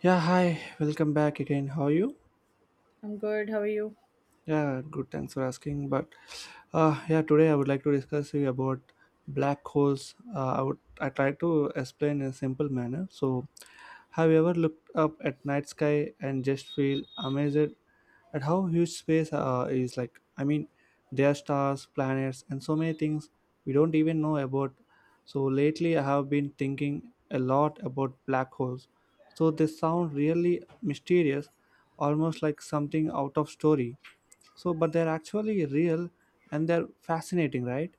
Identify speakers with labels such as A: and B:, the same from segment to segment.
A: Yeah, hi, welcome back again. How are you?
B: I'm good. How are you?
A: Yeah, good. Thanks for asking. But yeah, today I would like to discuss with you about black holes. I try to explain in a simple manner. So, have you ever looked up at night sky and just feel amazed at how huge space is? There are stars, planets, and so many things we don't even know about. So lately, I have been thinking a lot about black holes. So they sound really mysterious, almost like something out of story, but they're actually real and they're fascinating, right?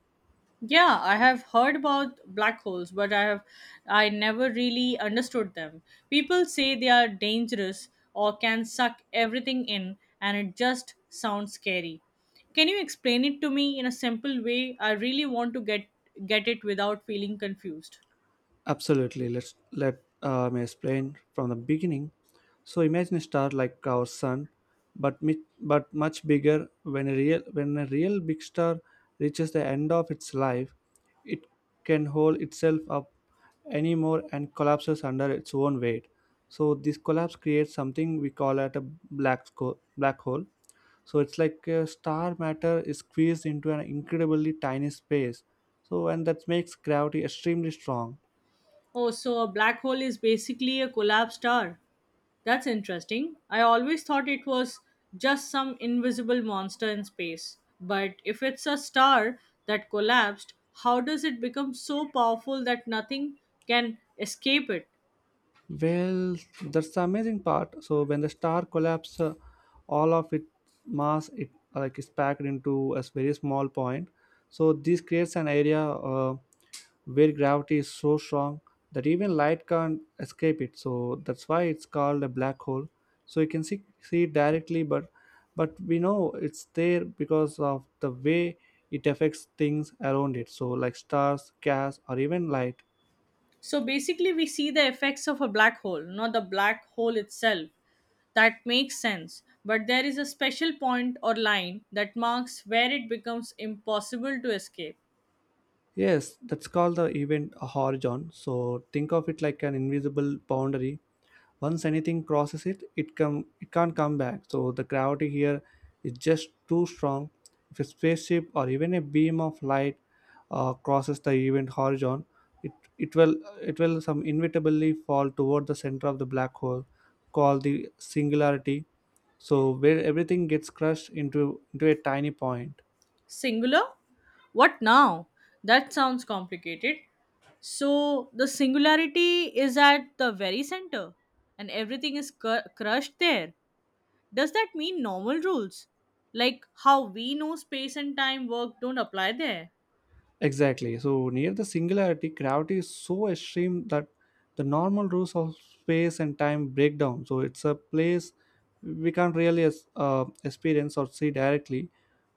B: Yeah, I have heard about black holes, but I never really understood them. People say they are dangerous or can suck everything in, and it just sounds scary. Can you explain it to me in a simple way? I really want to get it without feeling confused.
A: Absolutely. Let me explain from the beginning. So imagine a star like our sun, but much bigger. When a real big star reaches the end of its life, it can hold itself up anymore and collapses under its own weight. So this collapse creates something we call at a black hole. So it's like star matter is squeezed into an incredibly tiny space. And that makes gravity extremely strong.
B: Oh, so a black hole is basically a collapsed star. That's interesting. I always thought it was just some invisible monster in space. But if it's a star that collapsed, how does it become so powerful that nothing can escape it?
A: Well, that's the amazing part. So when the star collapses, all of its mass it like is packed into a very small point. So this creates an area, where gravity is so strong that even light can't escape it, so that's why it's called a black hole. So you can see it directly, but we know it's there because of the way it affects things around it, so like stars, gas, or even light.
B: So basically, we see the effects of a black hole, not the black hole itself. That makes sense. But there is a special point or line that marks where it becomes impossible to escape.
A: Yes, that's called the event horizon. So think of it like an invisible boundary. Once anything crosses it, it come it can't come back. So the gravity here is just too strong. If a spaceship or even a beam of light crosses the event horizon, it it will it will some inevitably fall toward the center of the black hole, called the singularity, so where everything gets crushed into a tiny point.
B: Singular? What now? That sounds complicated. So the singularity is at the very center and everything is crushed there. Does that mean normal rules? Like how we know space and time work don't apply there?
A: Exactly. So near the singularity, gravity is so extreme that the normal rules of space and time break down. So it's a place we can't really experience or see directly,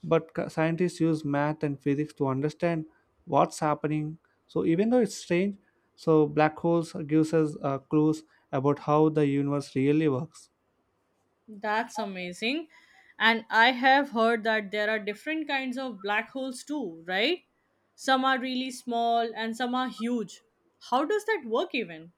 A: but scientists use math and physics to understand what's happening. So even though it's strange, so black holes gives us clues about how the universe really works.
B: That's amazing. And I have heard that there are different kinds of black holes too, right? Some are really small and some are huge. How does that work even?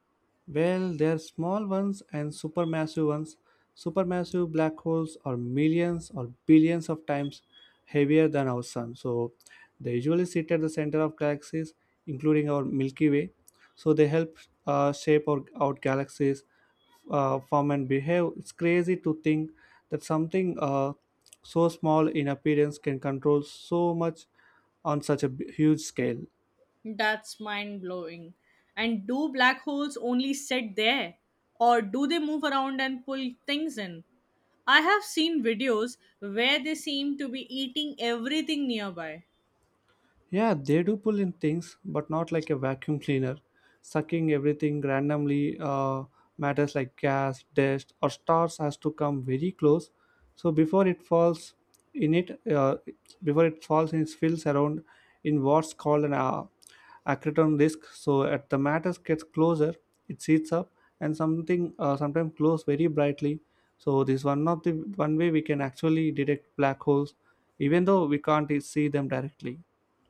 A: Well, there are small ones and supermassive ones. Supermassive black holes are millions or billions of times heavier than our sun. So they usually sit at the center of galaxies, including our Milky Way. So they help shape our galaxies, form and behave. It's crazy to think that something so small in appearance can control so much on such a huge scale.
B: That's mind blowing. And do black holes only sit there? Or do they move around and pull things in? I have seen videos where they seem to be eating everything nearby.
A: Yeah, they do pull in things, but not like a vacuum cleaner. Sucking everything randomly, matters like gas, dust, or stars has to come very close. So in it, uh, before it falls in, it fills around in what's called an accreton disk. So at the matter gets closer, it seats up, and something sometimes glows very brightly. So this one of the one way we can actually detect black holes, even though we can't see them directly.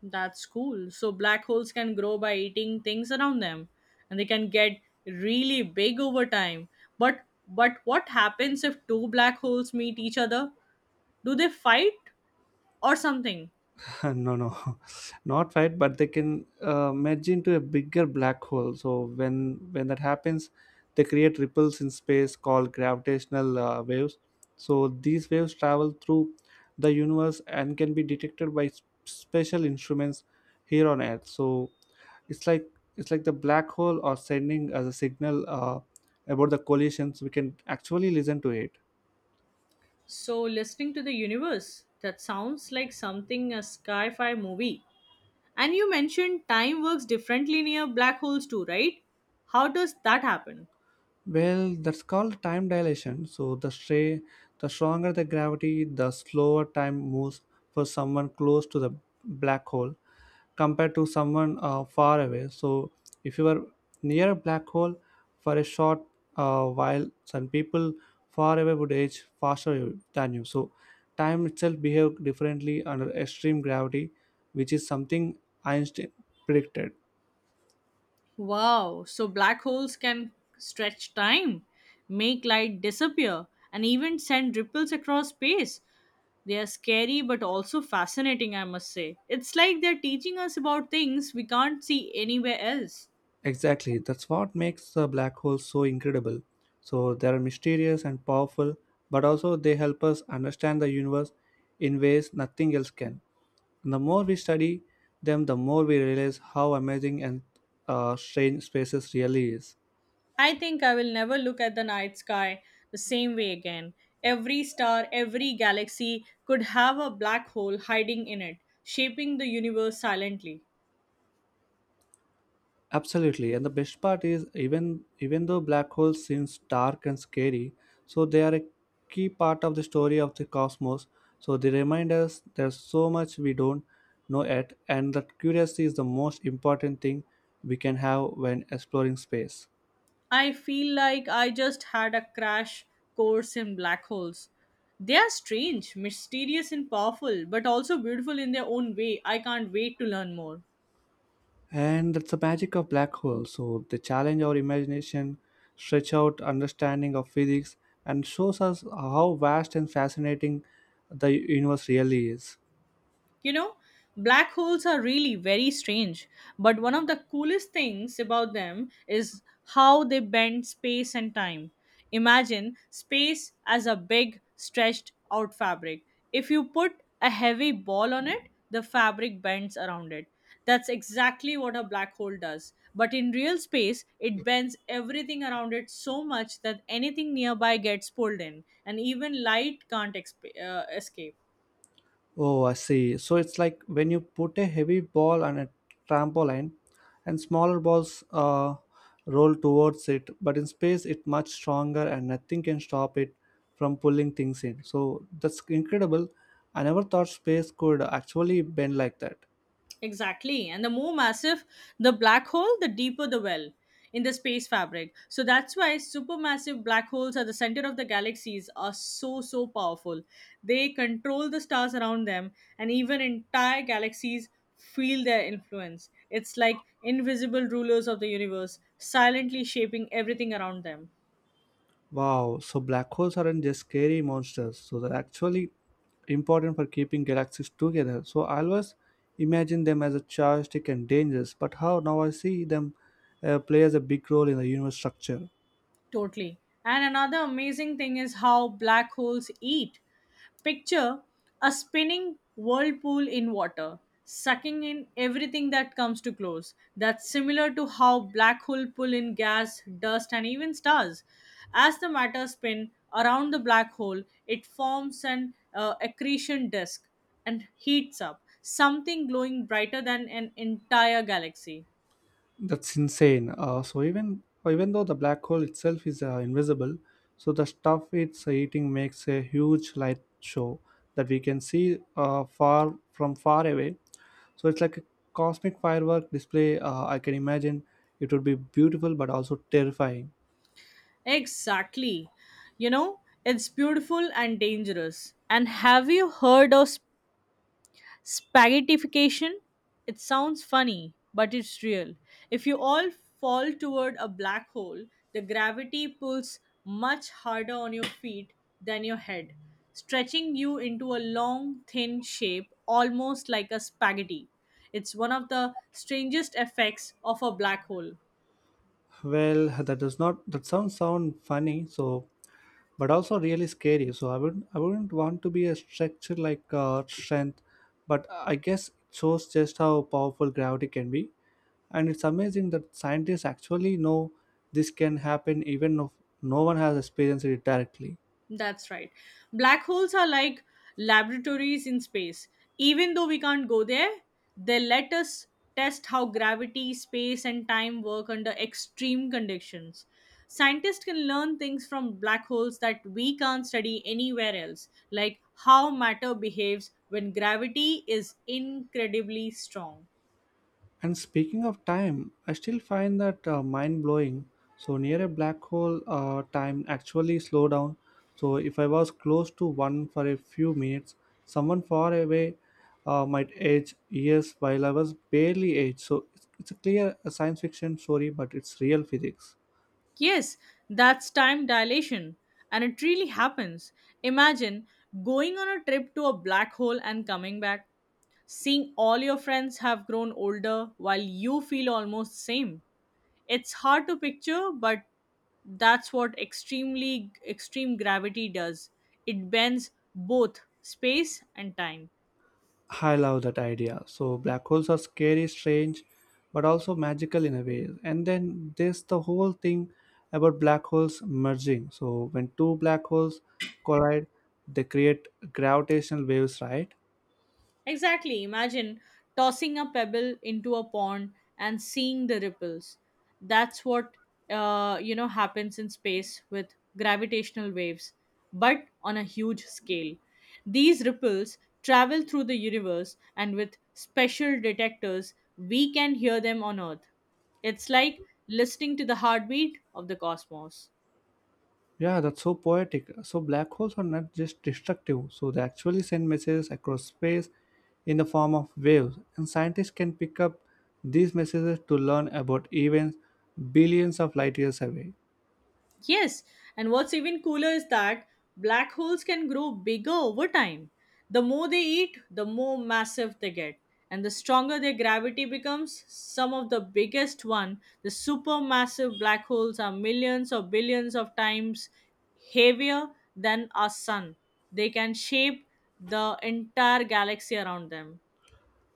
B: That's cool. So, black holes can grow by eating things around them and they can get really big over time. But but what happens if two black holes meet each other? Do they fight or something?
A: No, not fight, but they can merge into a bigger black hole. So when that happens, they create ripples in space called gravitational waves. So these waves travel through the universe and can be detected by special instruments here on earth. So it's like it's like the black hole or sending as a signal about the collisions we can actually listen to it.
B: So, listening to the universe, that sounds like something a sci fi movie. And you mentioned time works differently near black holes too, right? How does that happen?
A: Well, that's called time dilation. So the stronger the gravity, the slower time moves for someone close to the black hole compared to someone far away. So if you are near a black hole for a short while, some people far away would age faster than you. So time itself behaves differently under extreme gravity, which is something Einstein predicted.
B: Wow, so black holes can stretch time, make light disappear, and even send ripples across space. They are scary but also fascinating, I must say. It's like they're teaching us about things we can't see anywhere else.
A: Exactly. That's what makes the black holes so incredible. So they are mysterious and powerful, but also they help us understand the universe in ways nothing else can. And the more we study them, the more we realize how amazing and strange spaces really is.
B: I think I will never look at the night sky the same way again. Every star, every galaxy could have a black hole hiding in it, shaping the universe silently.
A: Absolutely, and the best part is even though black holes seems dark and scary, so they are a key part of the story of the cosmos. So they remind us there's so much we don't know yet, and that curiosity is the most important thing we can have when exploring space.
B: I feel like I just had a crash course in black holes. They are strange, mysterious, and powerful, but also beautiful in their own way. I can't wait to learn more.
A: And that's the magic of black holes. So they challenge our imagination, stretch out understanding of physics, and shows us how vast and fascinating the universe really is.
B: You know, black holes are really very strange, but one of the coolest things about them is how they bend space and time. Imagine space as a big, stretched out fabric. If you put a heavy ball on it, the fabric bends around it. That's exactly what a black hole does. But in real space, it bends everything around it so much that anything nearby gets pulled in, and even light can't escape.
A: Oh, I see. So it's like when you put a heavy ball on a trampoline and smaller balls roll towards it, but in space it's much stronger and nothing can stop it from pulling things in. So that's incredible. I never thought space could actually bend like that.
B: Exactly. And the more massive the black hole, the deeper the well in the space fabric. So that's why supermassive black holes at the center of the galaxies are so, so powerful. They control the stars around them, and even entire galaxies feel their influence. It's like invisible rulers of the universe, silently shaping everything around them.
A: Wow, so black holes aren't just scary monsters, so they're actually important for keeping galaxies together. So I always imagine them as a chaotic and dangerous, but how now I see them play as a big role in the universe structure.
B: Totally. And another amazing thing is how black holes eat. Picture a spinning whirlpool in water, sucking in everything that comes too close. That's similar to how black hole pull in gas, dust, and even stars. As the matter spin around the black hole, it forms an accretion disk and heats up, something glowing brighter than an entire galaxy.
A: That's insane. So even though the black hole itself is invisible, so the stuff it's eating makes a huge light show that we can see far away. So it's like a cosmic firework display, I can imagine it would be beautiful but also terrifying.
B: Exactly. You know, it's beautiful and dangerous. And have you heard of Spaghettification? It sounds funny, but it's real. If you all fall toward a black hole, the gravity pulls much harder on your feet than your head, stretching you into a long, thin shape almost like a spaghetti. It's one of the strangest effects of a black hole.
A: Well, that does not that sounds sound funny, so but also really scary. So I wouldn't want to be a structure like strength, but I guess it shows just how powerful gravity can be, and it's amazing that scientists actually know this can happen even if no one has experienced it directly.
B: That's right. Black holes are like laboratories in space. Even though we can't go there, they let us test how gravity, space, and time work under extreme conditions. Scientists can learn things from black holes that we can't study anywhere else, like how matter behaves when gravity is incredibly strong.
A: And speaking of time, I still find that mind blowing. So near a black hole, time actually slow down. So if I was close to one for a few minutes, someone far away might age years while I was barely age. So it's a clear science fiction story, but it's real physics.
B: Yes, that's time dilation, and it really happens. Imagine going on a trip to a black hole and coming back, seeing all your friends have grown older while you feel almost same. It's hard to picture, but that's what extreme gravity does. It bends both space and time.
A: I love that idea. So black holes are scary, strange, but also magical in a way. And then there's the whole thing about black holes merging. So when two black holes collide, they create gravitational waves, right?
B: Exactly. Imagine tossing a pebble into a pond and seeing the ripples. That's what, you know, happens in space with gravitational waves, but on a huge scale. These ripples travel through the universe, and with special detectors, we can hear them on Earth. It's like listening to the heartbeat of the cosmos.
A: Yeah, that's so poetic. So black holes are not just destructive. So they actually send messages across space in the form of waves, and scientists can pick up these messages to learn about events billions of light years away.
B: Yes, and what's even cooler is that black holes can grow bigger over time. The more they eat, the more massive they get, and the stronger their gravity becomes. Some of the biggest one, the supermassive black holes are millions or billions of times heavier than our sun. They can shape the entire galaxy around them.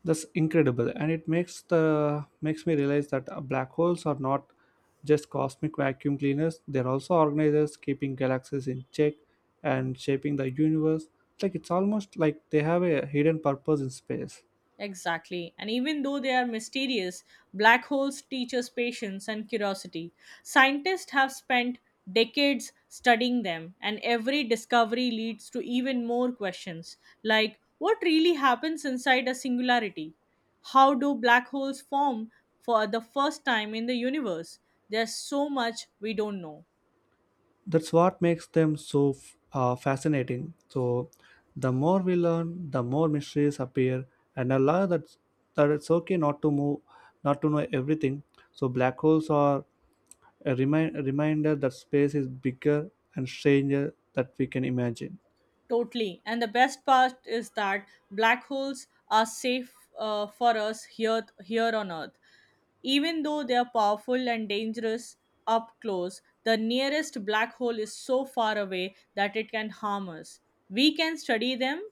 A: That's incredible, and it makes the makes me realize that black holes are not just cosmic vacuum cleaners; they're also organizers keeping galaxies in check and shaping the universe. Like it's almost like they have a hidden purpose in space.
B: Exactly. And even though they are mysterious, black holes teach us patience and curiosity. Scientists have spent decades studying them, and every discovery leads to even more questions like what really happens inside a singularity? How do black holes form for the first time in the universe? There's so much we don't know.
A: That's what makes them so fascinating. So, the more we learn, the more mysteries appear, and I love that it's okay not to move, not to know everything. So black holes are a reminder that space is bigger and stranger that we can imagine.
B: Totally. And the best part is that black holes are safe for us here on Earth. Even though they are powerful and dangerous up close, the nearest black hole is so far away that it can harm us. We can study them,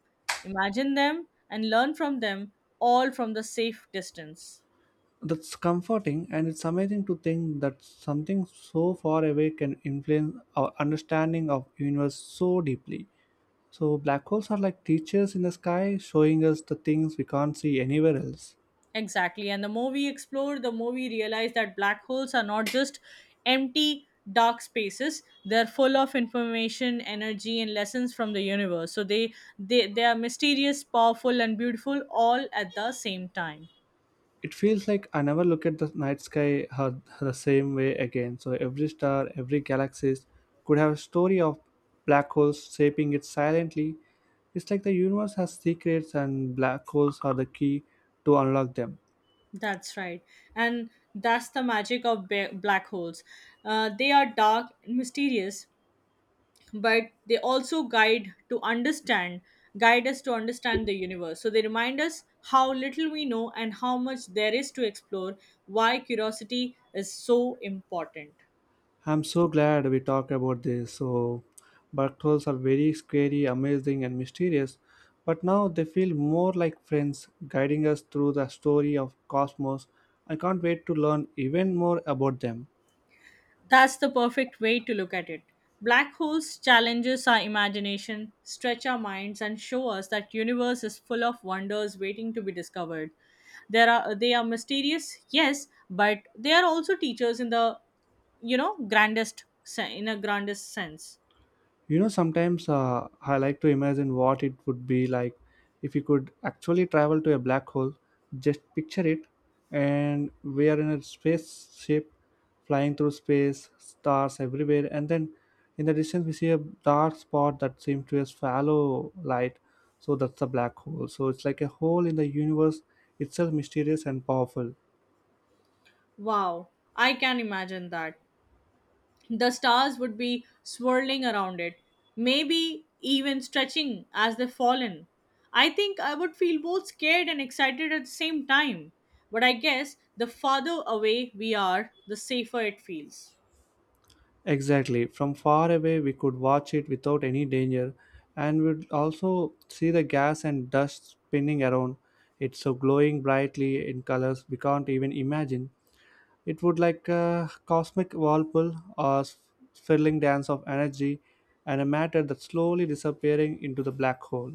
B: imagine them, and learn from them all from the safe distance.
A: That's comforting, and it's amazing to think that something so far away can influence our understanding of universe so deeply. So black holes are like teachers in the sky, showing us the things we can't see anywhere else.
B: Exactly. And the more we explore, the more we realize that black holes are not just empty, dark spaces. They're full of information, energy, and lessons from the universe. So they are mysterious, powerful, and beautiful all at the same time.
A: It feels like I never look at the night sky the same way again. So every star, every galaxy could have a story of black holes shaping it silently. It's like the universe has secrets and black holes are the key to unlock them.
B: That's right. And that's the magic of black holes. They are dark and mysterious, but they also guide us to understand the universe. So they remind us how little we know and how much there is to explore, why curiosity is so important.
A: I'm so glad we talked about this. So black holes are very scary, amazing and mysterious, but now they feel more like friends guiding us through the story of cosmos. I can't wait to learn even more about them.
B: That's the perfect way to look at it. Black holes challenges our imagination, stretch our minds and show us that universe is full of wonders waiting to be discovered. There are they are mysterious, yes, but they are also teachers in the, you know, in a grandest sense.
A: You know, sometimes I like to imagine what it would be like if you could actually travel to a black hole. Just picture it, and we are in a spaceship flying through space, stars everywhere, and then in the distance we see a dark spot that seems to be a shallow light. So that's a black hole. So it's like a hole in the universe itself, mysterious and powerful.
B: Wow, I can imagine that. The stars would be swirling around it, maybe even stretching as they fall in. I think I would feel both scared and excited at the same time. But I guess the farther away we are, the safer it feels.
A: Exactly. From far away, we could watch it without any danger, and we'd also see the gas and dust spinning around. It's so glowing brightly in colors we can't even imagine. It would like a cosmic whirlpool or swirling dance of energy and a matter that's slowly disappearing into the black hole.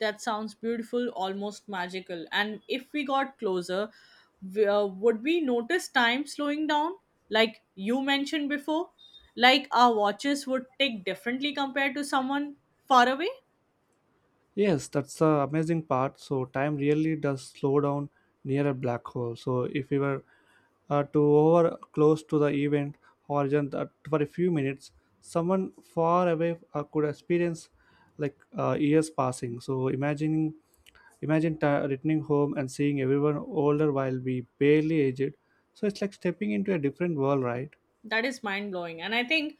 B: That sounds beautiful, almost magical. And if we got closer, would we notice time slowing down? Like you mentioned before, like our watches would tick differently compared to someone far away?
A: Yes, that's the amazing part. So time really does slow down near a black hole. So if we were to over close to the event horizon that for a few minutes, someone far away could experience like years passing. So imagine ta returning home and seeing everyone older while we barely aged. So it's like stepping into a different world, right?
B: That is mind blowing. And I think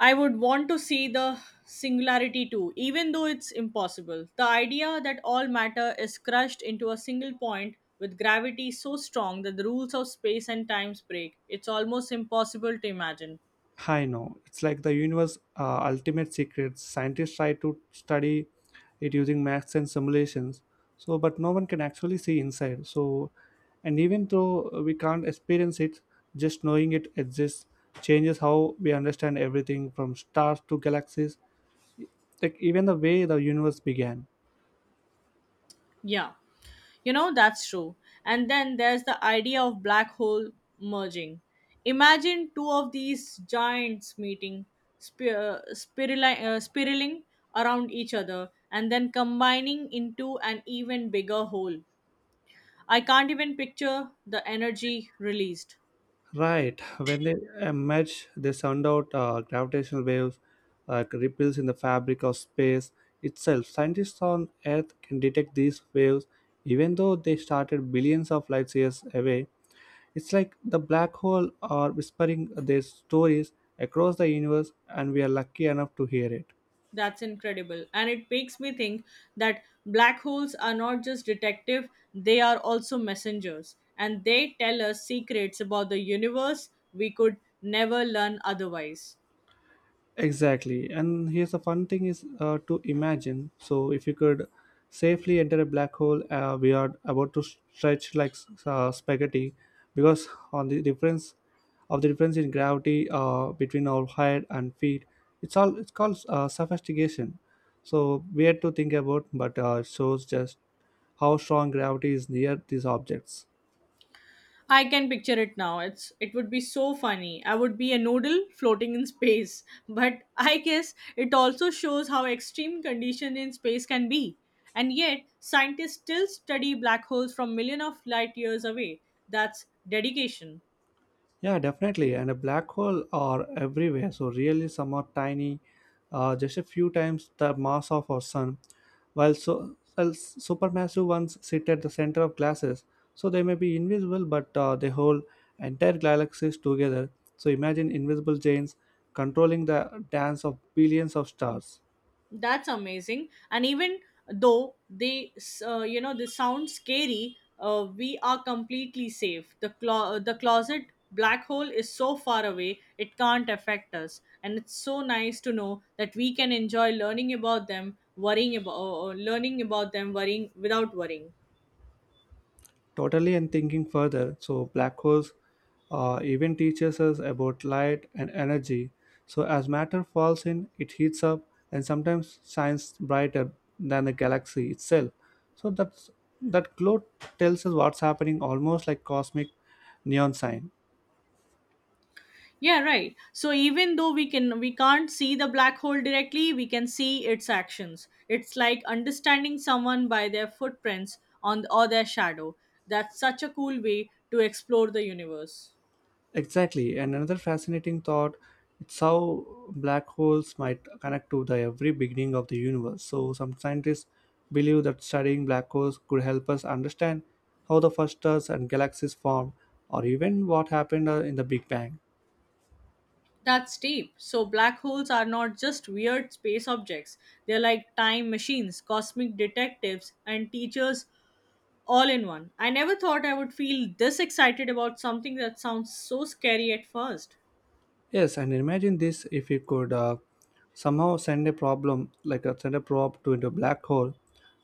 B: I would want to see the singularity too, even though it's impossible. The idea that all matter is crushed into a single point with gravity so strong that the rules of space and time break, it's almost impossible to imagine.
A: I know. It's like the universe ultimate secret. Scientists try to study it using maths and simulations. So, but no one can actually see inside. So, and even though we can't experience it, just knowing it exists changes how we understand everything from stars to galaxies, like even the way the universe began.
B: Yeah. You know, that's true. And then there's the idea of black hole merging. Imagine two of these giants meeting, spiraling around each other, and then combining into an even bigger whole. I can't even picture the energy released.
A: Right. When they emerge, they send out gravitational waves, ripples in the fabric of space itself. Scientists on Earth can detect these waves even though they started billions of light years away. It's like the black hole are whispering their stories across the universe, and we are lucky enough to hear it.
B: That's incredible. And it makes me think that black holes are not just detective, they are also messengers. And they tell us secrets about the universe we could never learn otherwise.
A: Exactly. And here's the fun thing is to imagine. So if you could safely enter a black hole, we are about to stretch like spaghetti because on the difference of the difference in gravity between our head and feet, it's called sophistication. So weird to think about, but shows just how strong gravity is near these objects.
B: I can picture it now. It's it would be so funny. I would be a noodle floating in space. But I guess it also shows how extreme condition in space can be. And yet, scientists still study black holes from million of light years away. That's dedication.
A: Yeah, definitely. And a black hole are everywhere. So really, some are tiny, just a few times the mass of our sun, while while supermassive ones sit at the center of glasses. So they may be invisible, but they hold entire galaxies together. So imagine invisible giants controlling the dance of billions of stars.
B: That's amazing. And even though they, you know, this sounds scary, we are completely safe. The the closet black hole is so far away it can't affect us, and it's so nice to know that we can enjoy learning about them, worrying without worrying.
A: Totally, and thinking further, so black holes even teaches us about light and energy. So as matter falls in, it heats up and sometimes shines brighter than the galaxy itself. So that's that glow tells us what's happening, almost like cosmic neon sign.
B: Yeah, right. So even though we can't see the black hole directly, we can see its actions. It's like understanding someone by their footprints on or their shadow. That's such a cool way to explore the universe.
A: Exactly. And another fascinating thought it's how black holes might connect to the every beginning of the universe. So some scientists believe that studying black holes could help us understand how the first stars and galaxies formed or even what happened in the Big Bang.
B: That's deep. So black holes are not just weird space objects. They're like time machines, cosmic detectives, and teachers all in one. I never thought I would feel this excited about something that sounds so scary at first.
A: Yes, and imagine this if you could somehow send a probe to into a black hole,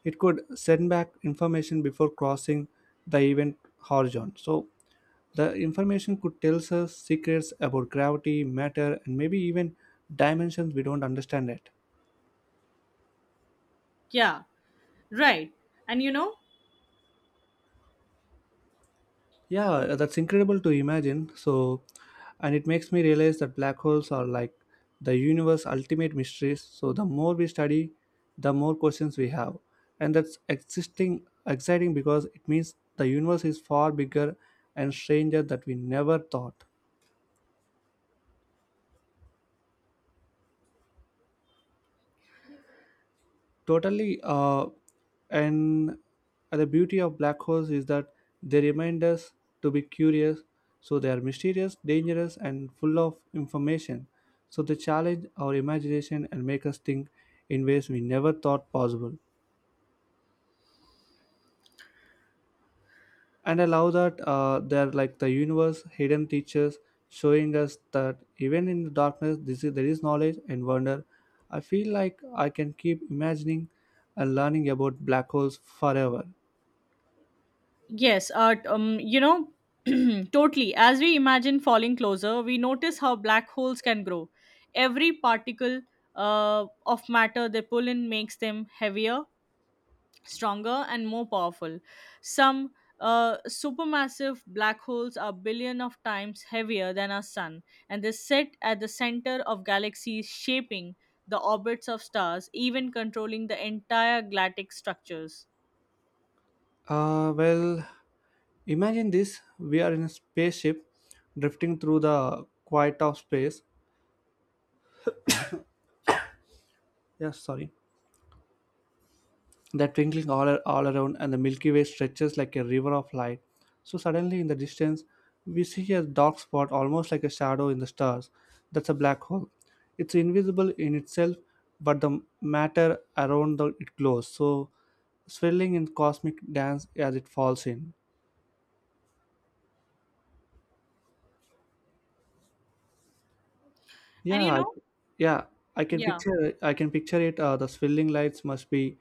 A: it could send back information before crossing the event horizon. So the information could tell us secrets about gravity, matter, and maybe even dimensions we don't understand yet.
B: Yeah, right. And you know,
A: Yeah, that's incredible to imagine. So, and it makes me realize that black holes are like the universe's ultimate mysteries. So, the more we study, the more questions we have. And that's existing exciting because it means the universe is far bigger and stranger that we never thought. Totally. And the beauty of black holes is that they remind us to be curious. So they are mysterious, dangerous, and full of information. So they challenge our imagination and make us think in ways we never thought possible. And I love that they're like the universe, hidden teachers, showing us that even in the darkness, there is knowledge and wonder. I feel like I can keep imagining and learning about black holes forever.
B: yes, you know, totally. As we imagine falling closer, we notice how black holes can grow. Every particle of matter they pull in makes them heavier, stronger, and more powerful. Some supermassive black holes are billion of times heavier than our sun, and they sit at the center of galaxies, shaping the orbits of stars, even controlling the entire galactic structures.
A: Well, imagine this. We are in a spaceship drifting through the quiet of space. Yes, sorry. That twinkling all around, and the Milky Way stretches like a river of light. So, suddenly in the distance, we see a dark spot almost like a shadow in the stars. That's a black hole. It's invisible in itself, but the matter around the, it glows, so swirling in cosmic dance as it falls in.
B: And
A: Yeah,
B: you
A: I,
B: know,
A: yeah,
B: yeah.
A: I can picture it. The swirling lights must be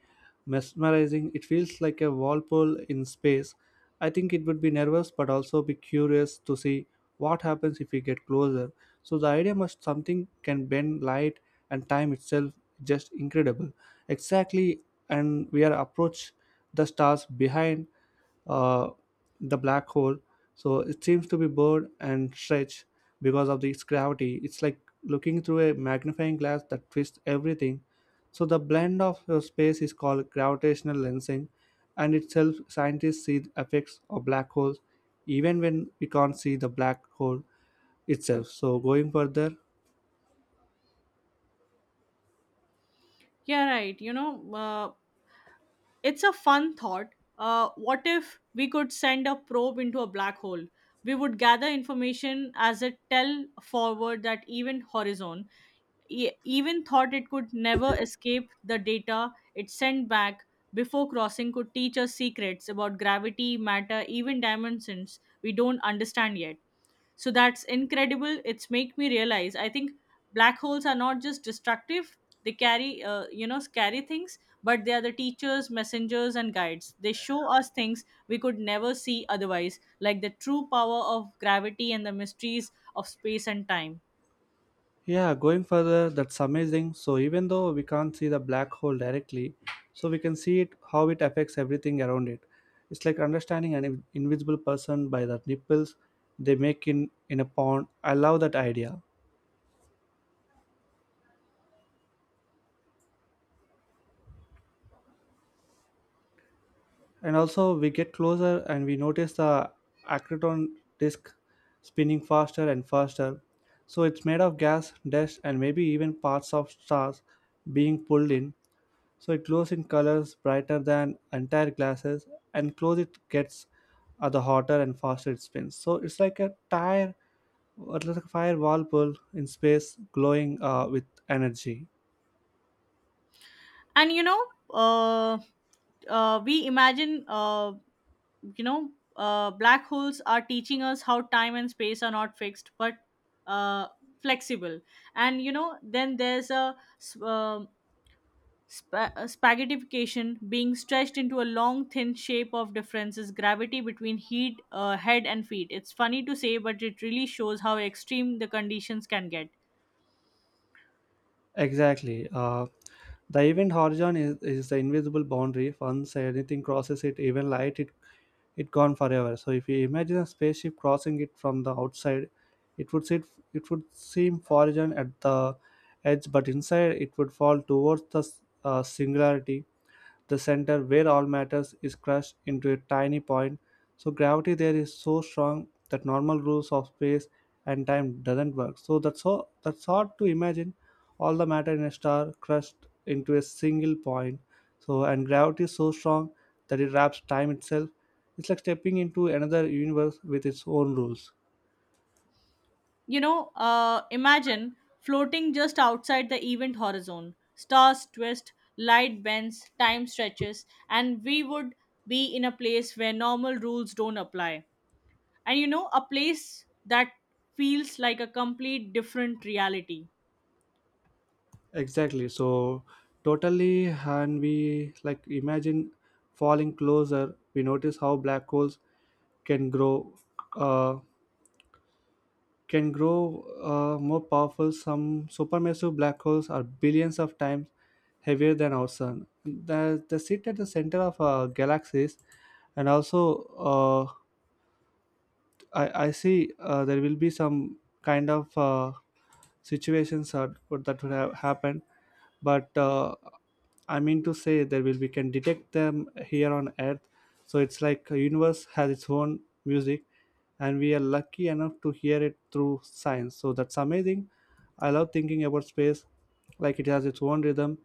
A: mesmerizing. It feels like a whirlpool in space. I think it would be nervous, but also be curious to see what happens if we get closer. So the idea must something can bend light and time itself. Just incredible. Exactly, and we are approach the stars behind uh, the black hole. So it seems to be bored and stretched because of its gravity. It's like looking through a magnifying glass that twists everything. So the blend of space is called gravitational lensing, and itself scientists see the effects of black holes even when we can't see the black hole itself. So going further,
B: Yeah, right. You know, it's a fun thought. What if we could send a probe into a black hole? We would gather information as a tell forward that even horizon. Even thought it could never escape, the data it sent back before crossing could teach us secrets about gravity, matter, even dimensions we don't understand yet. So that's incredible. It's make me realize, I think black holes are not just destructive. They carry, you know, scary things, but they are the teachers, messengers and guides. They show us things we could never see otherwise, like the true power of gravity and the mysteries of space and time.
A: yeah, going further, that's amazing. So even though we can't see the black hole directly, so we can see it how it affects everything around it. It's like understanding an invisible person by the nipples they make in a pond. I love that idea. And also we get closer and we notice the accreton disk spinning faster and faster. So it's made of gas, dust, and maybe even parts of stars being pulled in, so it glows in colors brighter than entire glasses, and close it gets, the hotter and faster it spins. So it's like a tire or like a fire whirlpool in space glowing with energy.
B: And you know, uh, we imagine, you know, black holes are teaching us how time and space are not fixed but, uh, flexible. And you know, then there's a, a spaghettification, being stretched into a long thin shape of differences gravity between heat, head and feet. It's funny to say, but it really shows how extreme the conditions can get.
A: Exactly, the event horizon is the invisible boundary. Once anything crosses it, even light, it gone forever. So if you imagine a spaceship crossing it from the outside, it would sit, it would seem foreign at the edge, but inside it would fall towards the singularity, the center where all matters is crushed into a tiny point. So gravity there is so strong that normal rules of space and time doesn't work. So that's hard to imagine, all the matter in a star crushed into a single point. So and gravity is so strong that it wraps time itself. It's like stepping into another universe with its own rules.
B: You know, imagine floating just outside the event horizon. Stars twist, light bends, time stretches, and we would be in a place where normal rules don't apply. And you know, a place that feels like a complete different reality.
A: Exactly. So totally, and we like imagine falling closer. We notice how black holes can grow, uh, more powerful. Some supermassive black holes are billions of times heavier than our sun. They sit at the center of galaxies, and also I see there will be some kind of situations that would have happened, but I mean to say that will we can detect them here on Earth. So it's like a universe has its own music, and we are lucky enough to hear it through science. So that's amazing. I love thinking about space like it has its own rhythm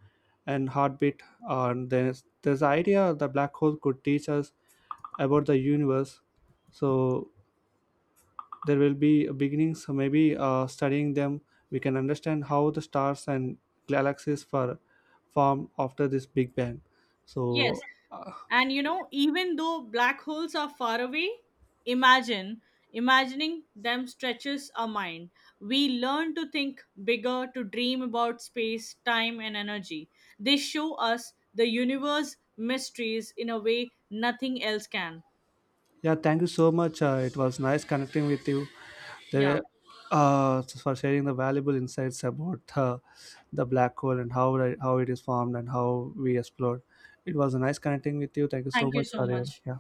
A: and heartbeat. And there's the idea the black hole could teach us about the universe. So there will be beginnings. So maybe studying them, we can understand how the stars and galaxies were formed after this Big Bang. So
B: Yes.
A: uh,
B: And you know, even though black holes are far away, imagine, imagining them stretches our mind. We learn to think bigger, to dream about space, time, and energy. They show us the universe mysteries in a way nothing else can.
A: yeah, thank you so much. It was nice connecting with you there,
B: Yeah.
A: for sharing the valuable insights about the black hole and how it is formed and how we explored. It was nice connecting with you. Thank you so
B: Thank you
A: much
B: so
A: for your,
B: much.
A: yeah.